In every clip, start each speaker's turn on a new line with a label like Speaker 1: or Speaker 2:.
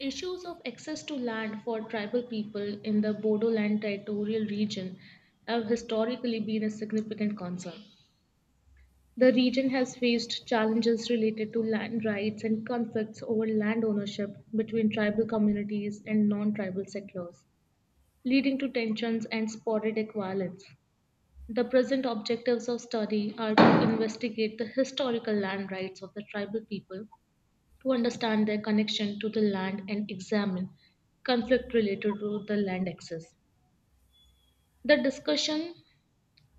Speaker 1: Issues of access to land for tribal people in the Bodoland territorial region have historically been a significant concern. The region has faced challenges related to land rights and conflicts over land ownership between tribal communities and non tribal settlers, leading to tensions and sporadic violence. The present objectives of study are to investigate the historical land rights of the tribal people to understand their connection to the land and examine conflict related to the land access. The discussion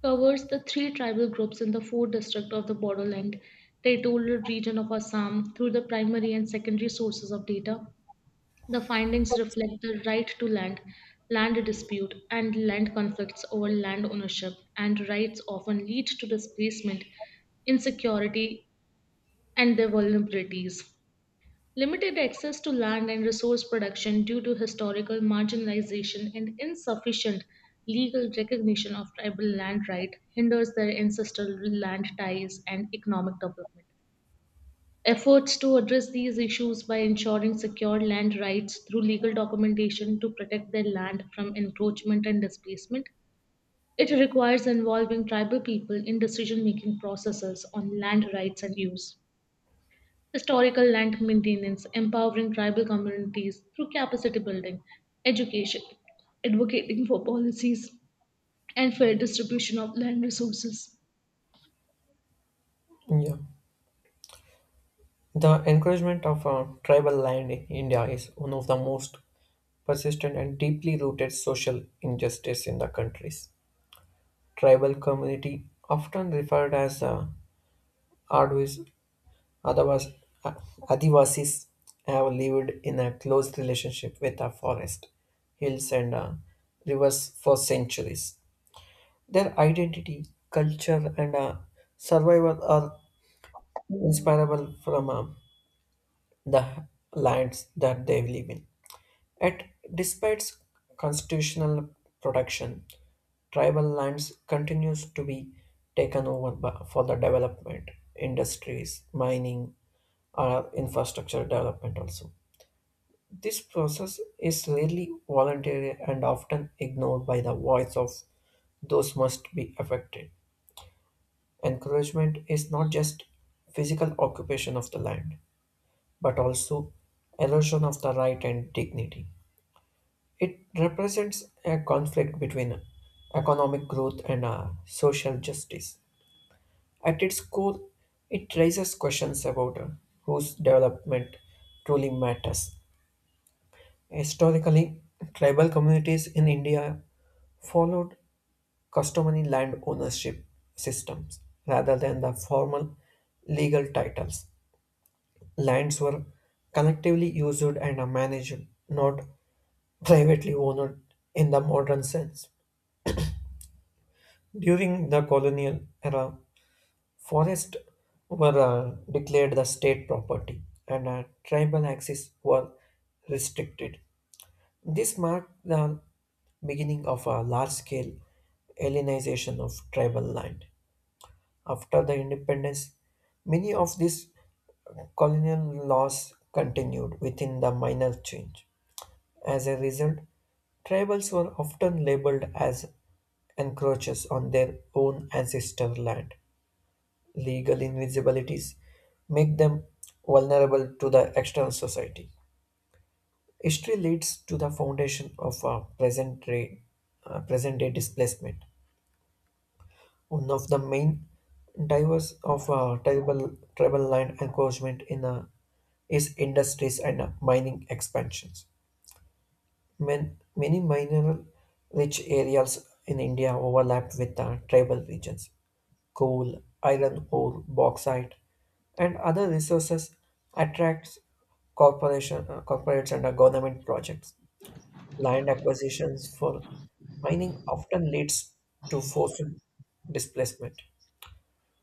Speaker 1: covers the three tribal groups in the four districts of the borderland territorial region of Assam through the primary and secondary sources of data. The findings reflect the right to land, land dispute, and land conflicts over land ownership, and rights often lead to displacement, insecurity, and their vulnerabilities. Limited access to land and resource production due to historical marginalization and insufficient legal recognition of tribal land right hinders their ancestral land ties and economic development. Efforts to address these issues by ensuring secure land rights through legal documentation to protect their land from encroachment and displacement. It requires involving tribal people in decision making processes on land rights and use historical land maintenance, empowering tribal communities through capacity building, education, advocating for policies and fair distribution of land resources.
Speaker 2: Yeah, the encouragement of tribal land in India is one of the most persistent and deeply rooted social injustice in the countries. Tribal community, often referred as Advis, otherwise uh, Adivasis, have lived in a close relationship with the forest, hills, and rivers for centuries. Their identity, culture, and survival are inseparable from the lands that they live in. Yet, despite constitutional protection, tribal lands continues to be taken over by, for the development, industries, mining, or infrastructure development also. This process is rarely voluntary and often ignored by the voice of those must be affected. Encouragement is not just physical occupation of the land, but also erosion of the right and dignity. It represents a conflict between economic growth and social justice. At its core, it raises questions about whose development truly matters. Historically, tribal communities in India followed customary land ownership systems rather than the formal legal titles. Lands were collectively used and managed, not privately owned in the modern sense. During the colonial era, forests were declared the state property and tribal access were restricted. This marked the beginning of a large scale alienization of tribal land. After the independence, many of these colonial laws continued within the minor change. As a result, tribals were often labeled as encroachers on their own ancestor land. Legal invisibilities make them vulnerable to the external society. History leads to the foundation of a present day displacement. One of the main drivers of tribal land encroachment in is industries and mining expansions. Many mineral rich areas in India overlap with tribal regions: coal, iron ore, bauxite, and other resources attracts corporates and government projects. Land acquisitions for mining often leads to forced displacement.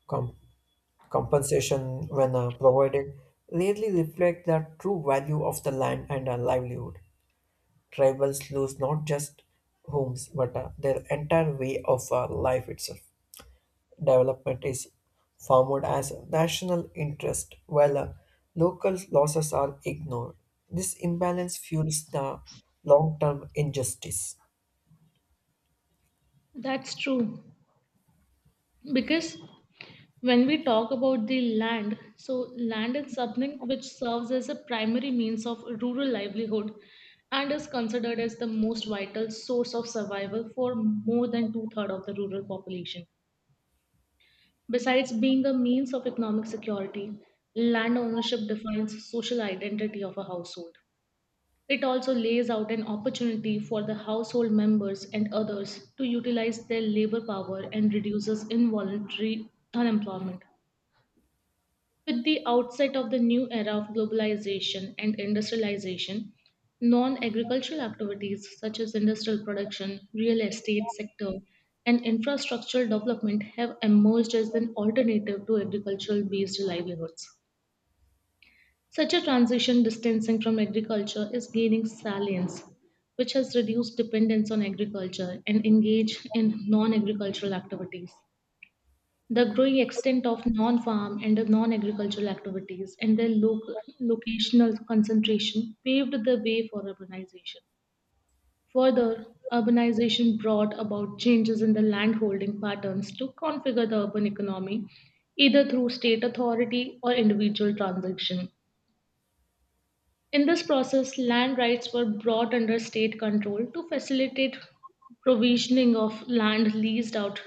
Speaker 2: Com- Compensation, when provided, rarely reflect the true value of the land and livelihood. Tribals lose not just homes but their entire way of life itself. Development is formed as a national interest while local losses are ignored. This imbalance fuels the long term injustice.
Speaker 1: That's true. Because when we talk about the land, so land is something which serves as a primary means of rural livelihood and is considered as the most vital source of survival for more than two-thirds of the rural population. Besides being a means of economic security, land ownership defines social identity of a household. It also lays out an opportunity for the household members and others to utilize their labor power and reduces involuntary unemployment. With the outset of the new era of globalization and industrialization, non agricultural activities such as industrial production, real estate sector, and infrastructural development have emerged as an alternative to agricultural based livelihoods. Such a transition distancing from agriculture is gaining salience, which has reduced dependence on agriculture and engaged in non agricultural activities. The growing extent of non-farm and non-agricultural activities and their locational concentration paved the way for urbanization. Further, urbanization brought about changes in the landholding patterns to configure the urban economy, either through state authority or individual transaction. In this process, land rights were brought under state control to facilitate provisioning of land leased out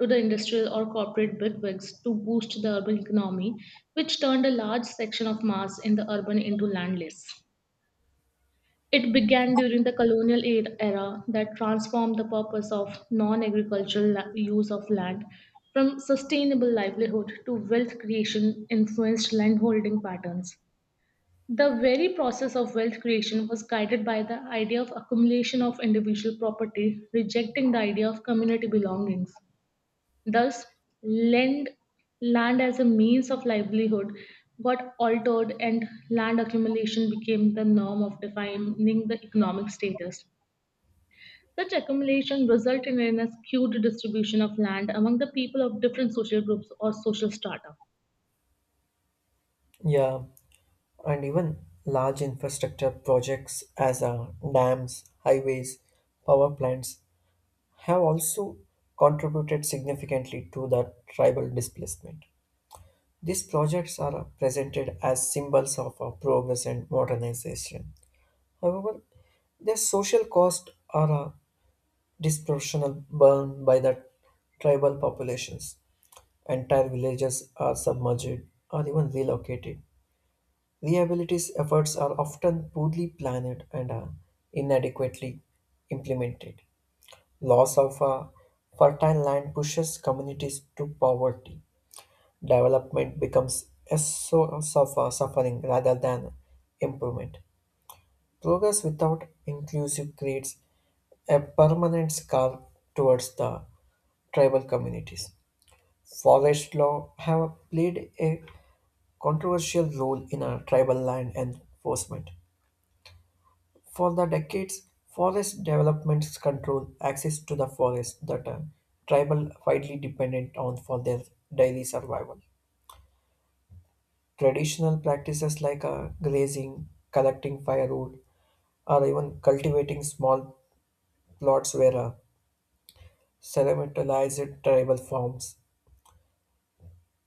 Speaker 1: to the industrial or corporate bigwigs to boost the urban economy, which turned a large section of mass in the urban into landless. It began during the colonial era that transformed the purpose of non agricultural use of land from sustainable livelihood to wealth creation influenced landholding patterns. The very process of wealth creation was guided by the idea of accumulation of individual property, rejecting the idea of community belongings. Thus, land, land as a means of livelihood got altered, and land accumulation became the norm of defining the economic status. Such accumulation resulted in a skewed distribution of land among the people of different social groups or social strata.
Speaker 2: Yeah, and even large infrastructure projects as dams, highways, power plants have also contributed significantly to the tribal displacement. These projects are presented as symbols of progress and modernization. However, their social costs are a disproportional borne by the tribal populations. Entire villages are submerged or even relocated. Rehabilitation efforts are often poorly planned and are inadequately implemented. Loss of fertile land pushes communities to poverty. Development becomes a source of suffering rather than improvement. Progress without inclusive creates a permanent scar towards the tribal communities. Forest law have played a controversial role in our tribal land enforcement. For the decades, forest developments control access to the forest that are tribal widely dependent on for their daily survival. Traditional practices like grazing, collecting firewood, or even cultivating small plots were ceremonized tribal forms.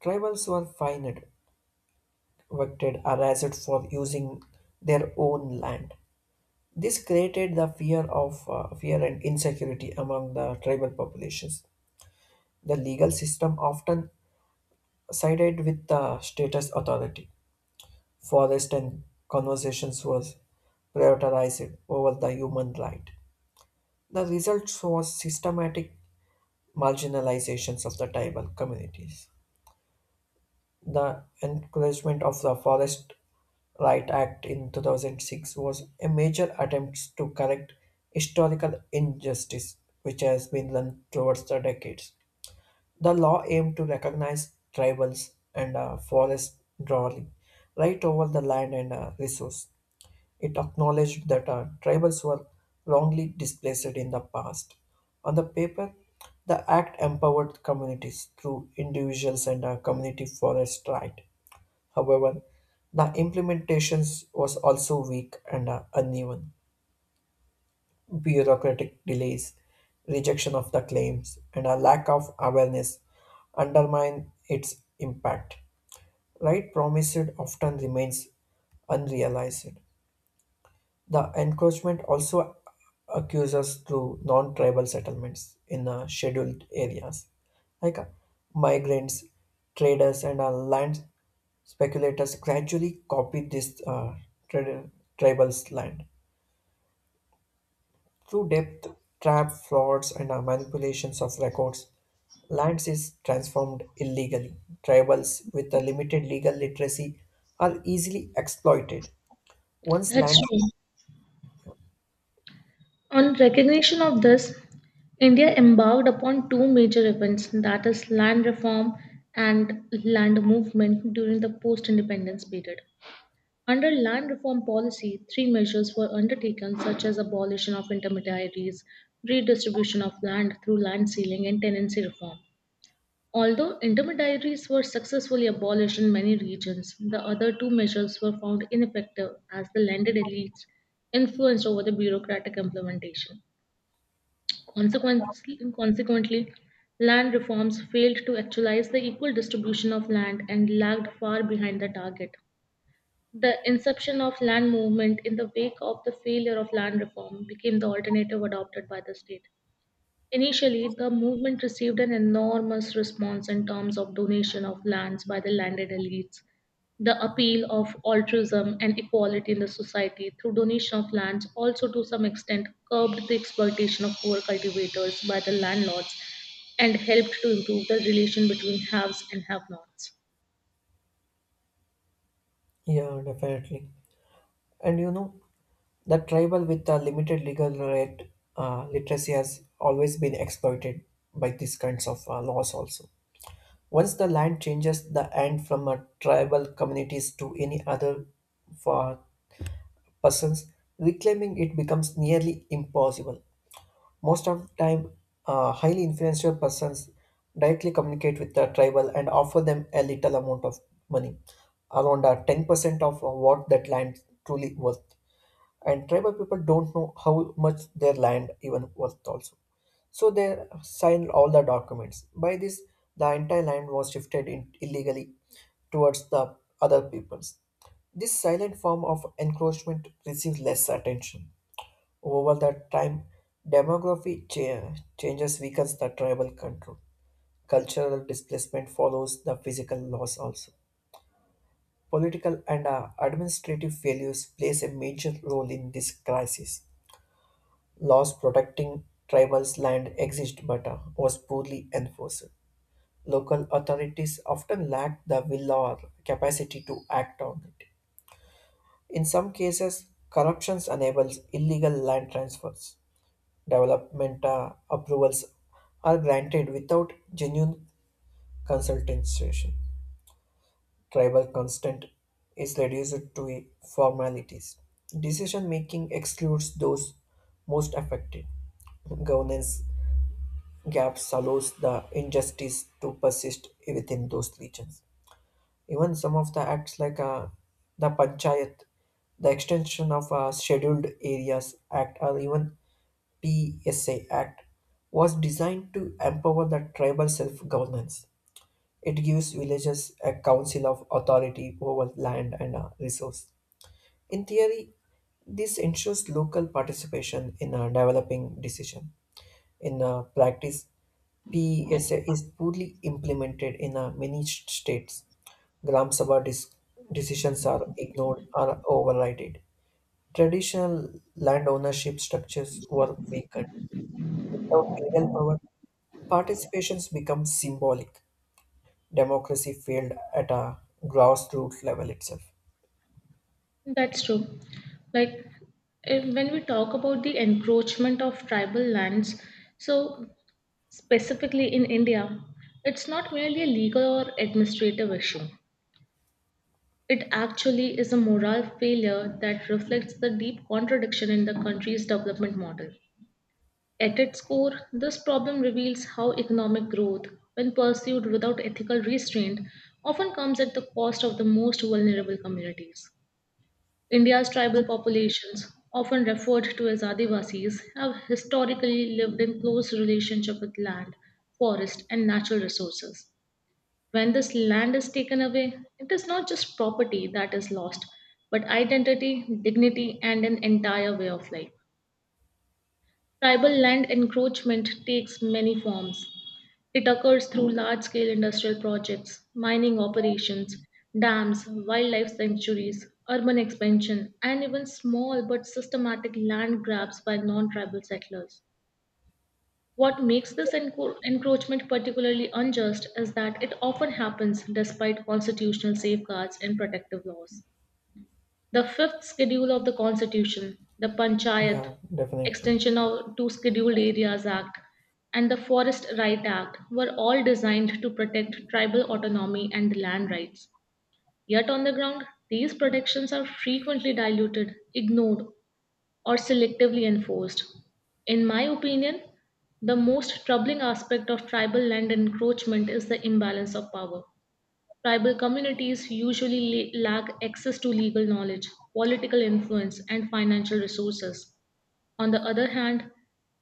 Speaker 2: Tribals were fined, evicted, or arrested for using their own land. This created the fear and insecurity among the tribal populations. The legal system often sided with the status authority. Forest and conversations was prioritized over the human right. The result was systematic marginalizations of the tribal communities. The encouragement of the Forest Right Act in 2006 was a major attempt to correct historical injustice which has been done towards the decades. The law aimed to recognize tribals and forest drawing right over the land and resource. It acknowledged that tribals were wrongly displaced in the past. On the paper, the act empowered communities through individuals and community forest right. However, the implementation was also weak and uneven. Bureaucratic delays, rejection of the claims, and a lack of awareness undermine its impact. Right promised often remains unrealized. The encroachment also occurs through non-tribal settlements in scheduled areas, like migrants, traders, and land speculators gradually copied this trad- tribal's land. Through depth, trap, frauds, and manipulations of records, lands is transformed illegally. Tribals with a limited legal literacy are easily exploited. Once
Speaker 1: That's
Speaker 2: land,
Speaker 1: true. On recognition of this, India embarked upon two major events, that is, land reform and land movement during the post independence period. Under land reform policy, three measures were undertaken, such as abolition of intermediaries, redistribution of land through land sealing, and tenancy reform. Although intermediaries were successfully abolished in many regions, the other two measures were found ineffective as the landed elites influenced over the bureaucratic implementation. Consequently, land reforms failed to actualize the equal distribution of land and lagged far behind the target. The inception of land movement in the wake of the failure of land reform became the alternative adopted by the state. Initially, the movement received an enormous response in terms of donation of lands by the landed elites. The appeal of altruism and equality in the society through donation of lands also to some extent curbed the exploitation of poor cultivators by the landlords and helped to improve the relation between haves and have-nots.
Speaker 2: yeah, definitely. And you know, the tribal with a limited legal literacy has always been exploited by these kinds of laws also. Once the land changes the end from a tribal communities to any other for persons, reclaiming it becomes nearly impossible. Most of the time, highly influential persons directly communicate with the tribal and offer them a little amount of money, around 10% of what that land truly worth, and tribal people don't know how much their land even worth also, so they signed all the documents. By this, the entire land was shifted in illegally towards the other peoples. This silent form of encroachment receives less attention. Over the time, demography cha- changes weakens the tribal control. Cultural displacement follows the physical loss also. Political and administrative failures plays a major role in this crisis. Laws protecting tribals' land exist but was poorly enforced. Local authorities often lacked the will or capacity to act on it. In some cases, corruption enables illegal land transfers. Development approvals are granted without genuine consultation. Tribal consent is reduced to a formalities. Decision making excludes those most affected. Governance gaps allows the injustice to persist within those regions. Even some of the acts like the Panchayat, the extension of Scheduled Areas Act or even PSA Act was designed to empower the tribal self-governance. It gives villages a council of authority over land and resource. In theory, this ensures local participation in developing decision. In practice, PESA is poorly implemented in many states. Gram Sabha decisions are ignored or overridden. Traditional land ownership structures were weakened. Without legal power, participations become symbolic. Democracy failed at a grassroots level itself.
Speaker 1: That's true. Like when we talk about the encroachment of tribal lands, so specifically in India, it's not merely a legal or administrative issue. It actually is a moral failure that reflects the deep contradiction in the country's development model. At its core, this problem reveals how economic growth, when pursued without ethical restraint, often comes at the cost of the most vulnerable communities. India's tribal populations, often referred to as Adivasis, have historically lived in close relationship with land, forest, and natural resources. When this land is taken away, it is not just property that is lost, but identity, dignity, and an entire way of life. Tribal land encroachment takes many forms. It occurs through large scale industrial projects, mining operations, dams, wildlife sanctuaries, urban expansion, and even small but systematic land grabs by non tribal settlers. What makes this encroachment particularly unjust is that it often happens despite constitutional safeguards and protective laws. The fifth schedule of the Constitution, the Panchayat
Speaker 2: Yeah, definitely.
Speaker 1: Extension of to Scheduled Areas Act, and the Forest Right Act were all designed to protect tribal autonomy and land rights. Yet, on the ground, these protections are frequently diluted, ignored, or selectively enforced. In my opinion, the most troubling aspect of tribal land encroachment is the imbalance of power. Tribal communities usually lack access to legal knowledge, political influence, and financial resources. On the other hand,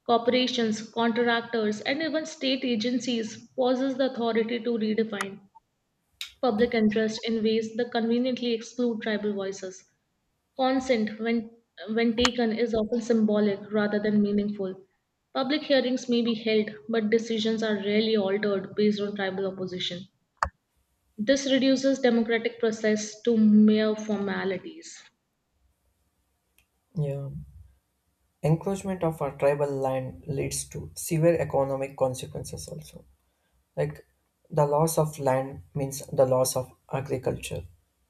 Speaker 1: corporations, contractors, and even state agencies possess the authority to redefine public interest in ways that conveniently exclude tribal voices. Consent, when taken, is often symbolic rather than meaningful. Public hearings may be held, but decisions are rarely altered based on tribal opposition. This reduces democratic process to mere formalities.
Speaker 2: Yeah. Encroachment of our tribal land leads to severe economic consequences also. Like the loss of land means the loss of agriculture,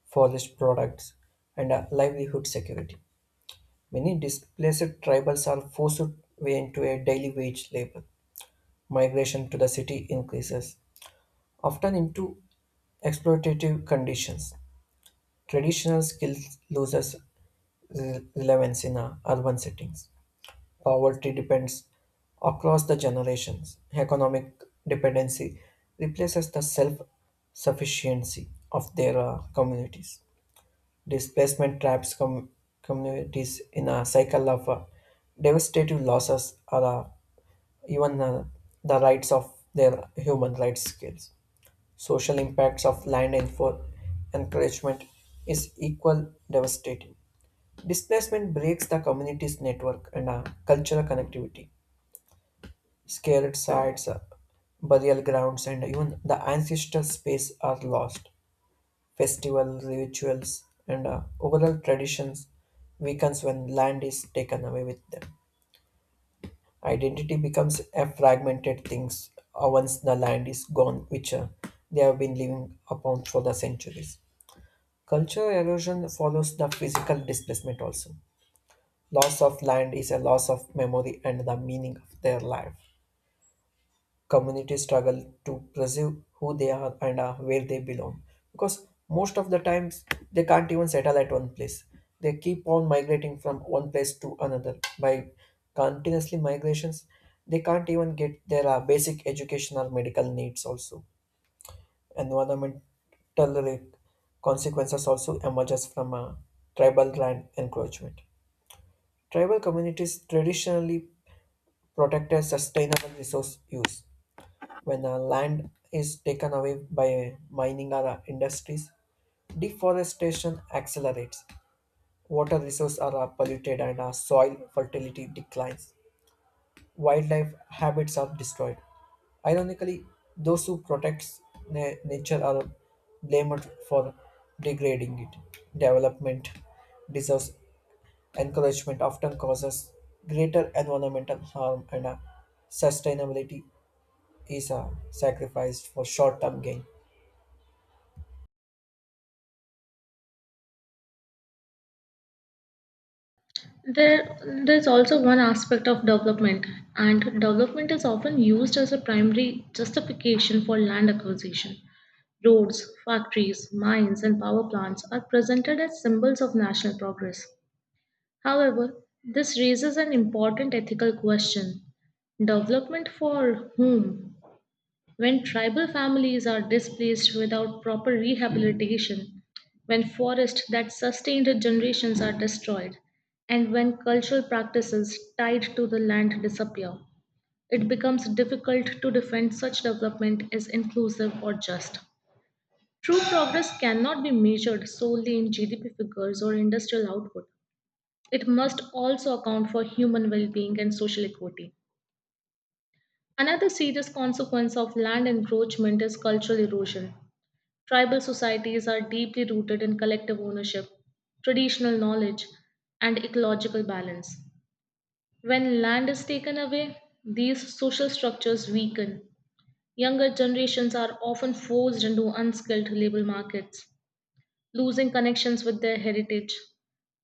Speaker 2: forest products, and livelihood security. Many displaced tribals are forced way into a daily wage labor. Migration to the city increases, often into exploitative conditions. Traditional skills loses relevance in urban settings. Poverty depends across the generations. Economic dependency replaces the self sufficiency of their communities. Displacement traps communities in a cycle of devastating losses or even the rights of their human rights skills. Social impacts of land and for encouragement is equal devastating. Displacement breaks the community's network and cultural connectivity. Sacred sites, burial grounds, and even the ancestor space are lost. Festival rituals and overall traditions weakens when land is taken away with them. Identity becomes a fragmented things once the land is gone, which they have been living upon for the centuries. Cultural erosion follows the physical displacement also. Loss of land is a loss of memory and the meaning of their life. Communities struggle to preserve who they are and where they belong, because most of the times they can't even settle at one place. They keep on migrating from one place to another. By continuously migrations, they can't even get their basic education or medical needs also. Environmental consequences also emerges from tribal land encroachment. Tribal communities traditionally protected sustainable resource use. When land is taken away by mining or industries, deforestation accelerates. Water resources are polluted and soil fertility declines. Wildlife habits are destroyed. Ironically, those who protect nature are blamed for degrading it. Development deserves encouragement often causes greater environmental harm and sustainability is sacrificed for short-term gain.
Speaker 1: There, there's also one aspect of development, and development is often used as a primary justification for land acquisition. Roads, factories, mines, and power plants are presented as symbols of national progress. However, this raises an important ethical question: development for whom? When tribal families are displaced without proper rehabilitation, when forests that sustained generations are destroyed, and when cultural practices tied to the land disappear, it becomes difficult to defend such development as inclusive or just. True progress cannot be measured solely in GDP figures or industrial output. It must also account for human well being and social equity. Another serious consequence of land encroachment is cultural erosion. Tribal societies are deeply rooted in collective ownership, traditional knowledge, and ecological balance. When land is taken away, these social structures weaken. Younger generations are often forced into unskilled labor markets, losing connections with their heritage.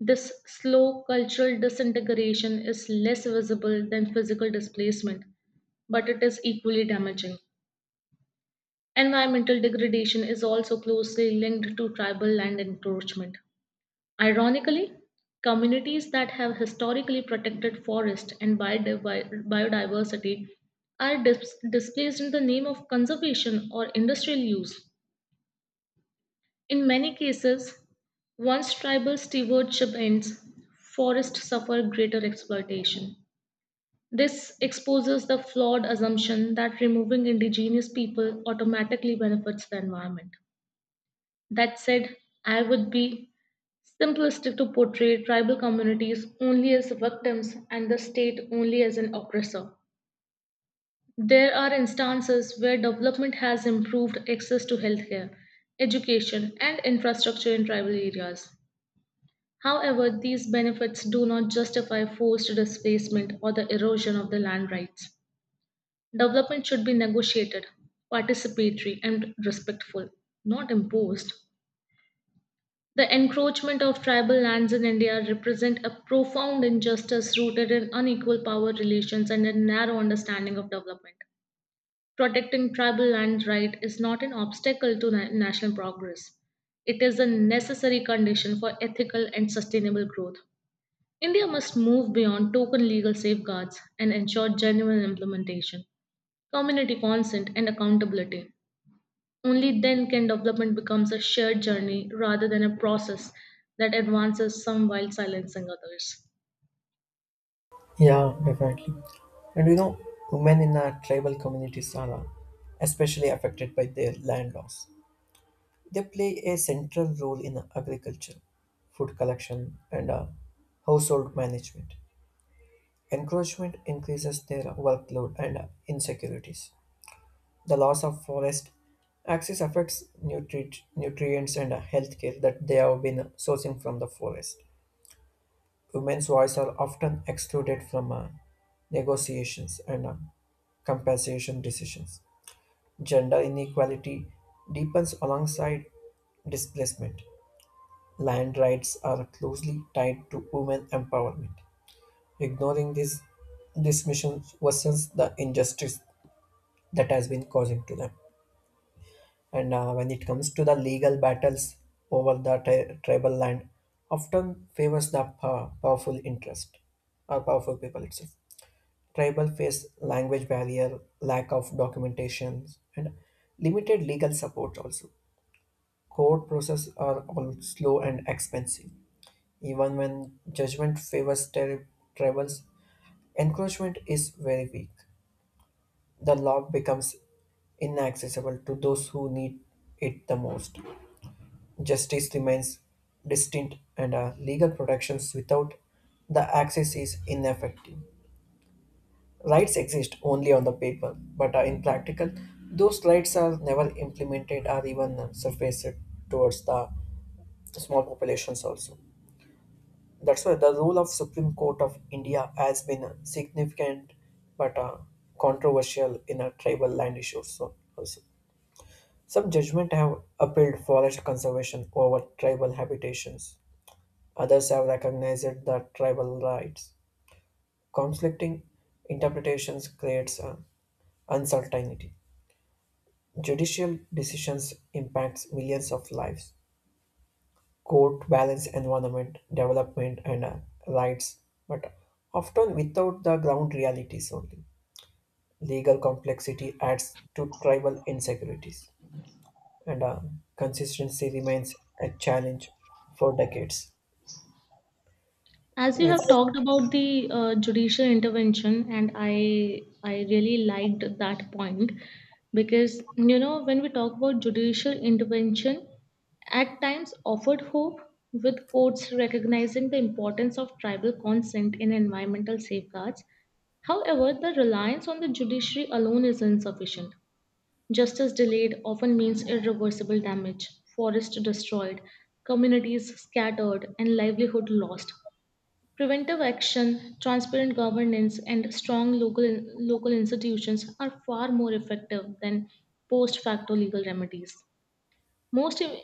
Speaker 1: This slow cultural disintegration is less visible than physical displacement, but it is equally damaging. Environmental degradation is also closely linked to tribal land encroachment. Ironically, communities that have historically protected forest and biodiversity are displaced in the name of conservation or industrial use. In many cases, once tribal stewardship ends, forests suffer greater exploitation. This exposes the flawed assumption that removing indigenous people automatically benefits the environment. That said, I would be simplistic to portray tribal communities only as victims and the state only as an oppressor. There are instances where development has improved access to healthcare, education, and infrastructure in tribal areas. However, these benefits do not justify forced displacement or the erosion of the land rights. Development should be negotiated, participatory, and respectful, not imposed. The encroachment of tribal lands in India represent a profound injustice rooted in unequal power relations and a narrow understanding of development. Protecting tribal land right is not an obstacle to national progress. It is a necessary condition for ethical and sustainable growth. India must move beyond token legal safeguards and ensure genuine implementation, community consent, and accountability. Only then can development becomes a shared journey rather than a process that advances some while silencing others.
Speaker 2: Yeah, definitely. And you know, women in our tribal communities are especially affected by their land loss. They play a central role in agriculture, food collection, and household management. Encroachment increases their workload and insecurities. The loss of forest access affects nutrients and healthcare that they have been sourcing from the forest. Women's voice are often excluded from negotiations and compensation decisions. Gender inequality deepens alongside displacement. Land rights are closely tied to women empowerment. Ignoring this dismission worsens the injustice that has been causing to them. And when it comes to the legal battles over the tribal land, often favors the powerful interest or powerful people itself. Tribal face language barrier, lack of documentation, and limited legal support also. Court processes are all slow and expensive. Even when judgment favors tribals, encroachment is very weak. The law becomes inaccessible to those who need it the most. Justice remains distinct, and legal protections without the access is ineffective. Rights exist only on the paper, but are in practical, those rights are never implemented or even surfaced towards the small populations also. That's why the role of Supreme Court of India has been significant but controversial in a tribal land issues also. Some judgment have upheld forest conservation over tribal habitations. Others have recognized the tribal rights. Conflicting interpretations creates uncertainty. Judicial decisions impacts millions of lives. Court balance environment, development, and rights, but often without the ground realities only. Legal complexity adds to tribal insecurities, and consistency remains a challenge for decades.
Speaker 1: As you have
Speaker 2: Let's,
Speaker 1: talked about the judicial intervention, and I really liked that point, because you know when we talk about judicial intervention, at times offered hope with courts recognizing the importance of tribal consent in environmental safeguards. However, the reliance on the judiciary alone is insufficient. Justice delayed often means irreversible damage, forest destroyed, communities scattered, and livelihood lost. Preventive action, transparent governance, and strong local institutions are far more effective than post facto legal remedies. Most, im-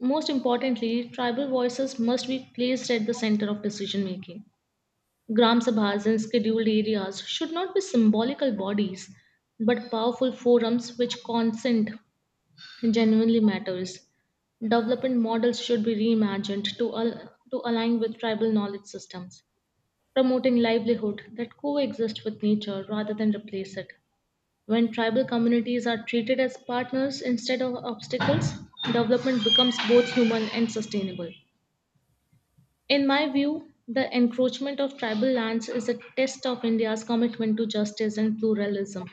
Speaker 1: most importantly, tribal voices must be placed at the center of decision making. Gram Sabhas in scheduled areas should not be symbolical bodies, but powerful forums which consent genuinely matters. Development models should be reimagined to, to align with tribal knowledge systems, promoting livelihood that coexist with nature rather than replace it. When tribal communities are treated as partners instead of obstacles, development becomes both human and sustainable. In my view, the encroachment of tribal lands is a test of India's commitment to justice and pluralism.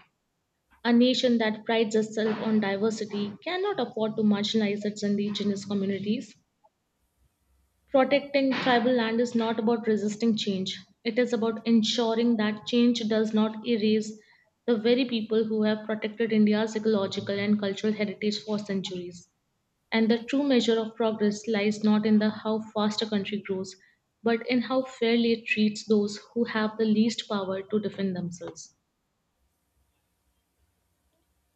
Speaker 1: A nation that prides itself on diversity cannot afford to marginalize its indigenous communities. Protecting tribal land is not about resisting change, it is about ensuring that change does not erase the very people who have protected India's ecological and cultural heritage for centuries. And the true measure of progress lies not in the how fast a country grows, but in how fairly it treats those who have the least power to defend themselves.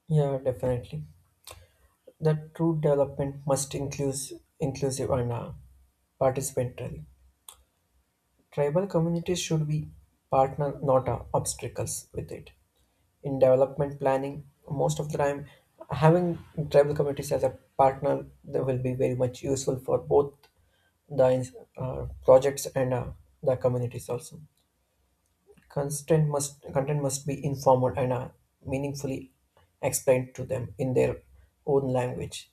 Speaker 2: yeah, definitely. The true development must include inclusive and participatory. Tribal communities should be partner, not obstacles with it. In development planning, most of the time, having tribal communities as a partner they will be very much useful for both the projects and the communities also. Content must be informal and meaningfully explained to them in their own language.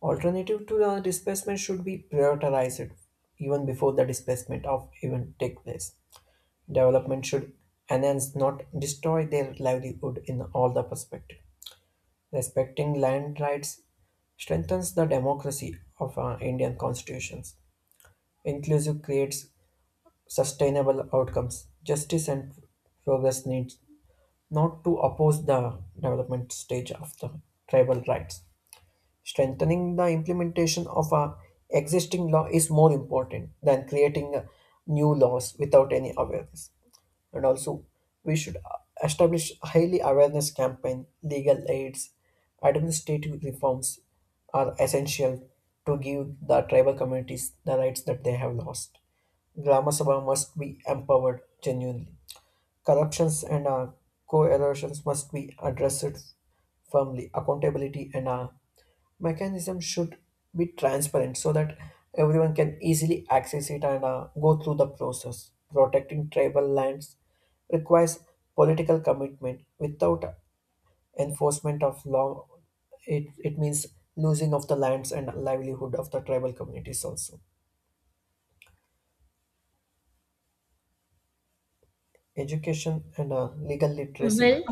Speaker 2: Alternative to the displacement should be prioritized even before the displacement of even take place. Development should enhance, not destroy their livelihood in all the perspective. Respecting land rights strengthens the democracy of our Indian constitutions. Inclusive creates sustainable outcomes. Justice and progress needs not to oppose the development stage of the tribal rights. Strengthening the implementation of our existing law is more important than creating new laws without any awareness. And also we should establish highly awareness campaign legal aids administrative reforms are essential to give the tribal communities the rights that they have lost. Grama Sabha must be empowered genuinely. Corruptions and co-erosions must be addressed firmly. Accountability and mechanism should be transparent so that everyone can easily access it and go through the process. Protecting tribal lands requires political commitment. Without enforcement of law, it means losing of the lands and livelihood of the tribal communities also. Education and legal literacy.
Speaker 1: Well,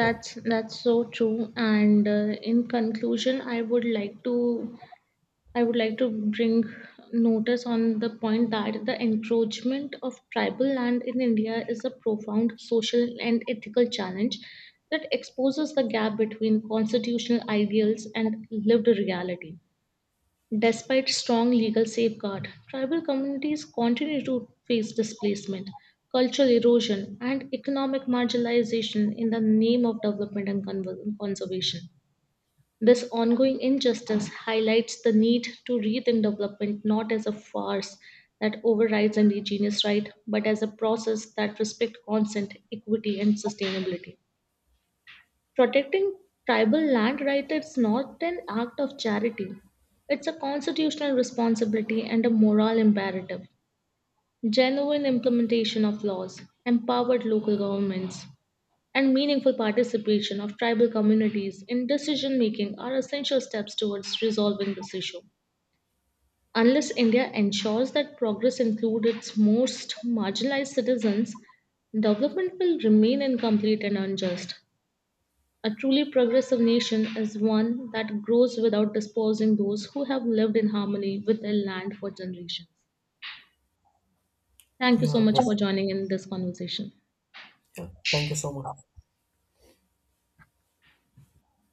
Speaker 2: Yeah.
Speaker 1: that's so true. And in conclusion, I would like to bring notice on the point that the encroachment of tribal land in India is a profound social and ethical challenge that exposes the gap between constitutional ideals and lived reality. Despite strong legal safeguard, tribal communities continue to face displacement, cultural erosion, and economic marginalization in the name of development and conservation. This ongoing injustice highlights the need to rethink development not as a farce that overrides indigenous right, but as a process that respects consent, equity, and sustainability. Protecting tribal land rights is not an act of charity. It's a constitutional responsibility and a moral imperative. Genuine implementation of laws, empowered local governments, and meaningful participation of tribal communities in decision making are essential steps towards resolving this issue. Unless India ensures that progress includes its most marginalized citizens, development will remain incomplete and unjust. A truly progressive nation is one that grows without disposing those who have lived in harmony with their land for generations. Thank you so
Speaker 2: Yeah.
Speaker 1: much
Speaker 2: Yeah.
Speaker 1: for joining in this conversation.
Speaker 2: Yeah. Thank you so much.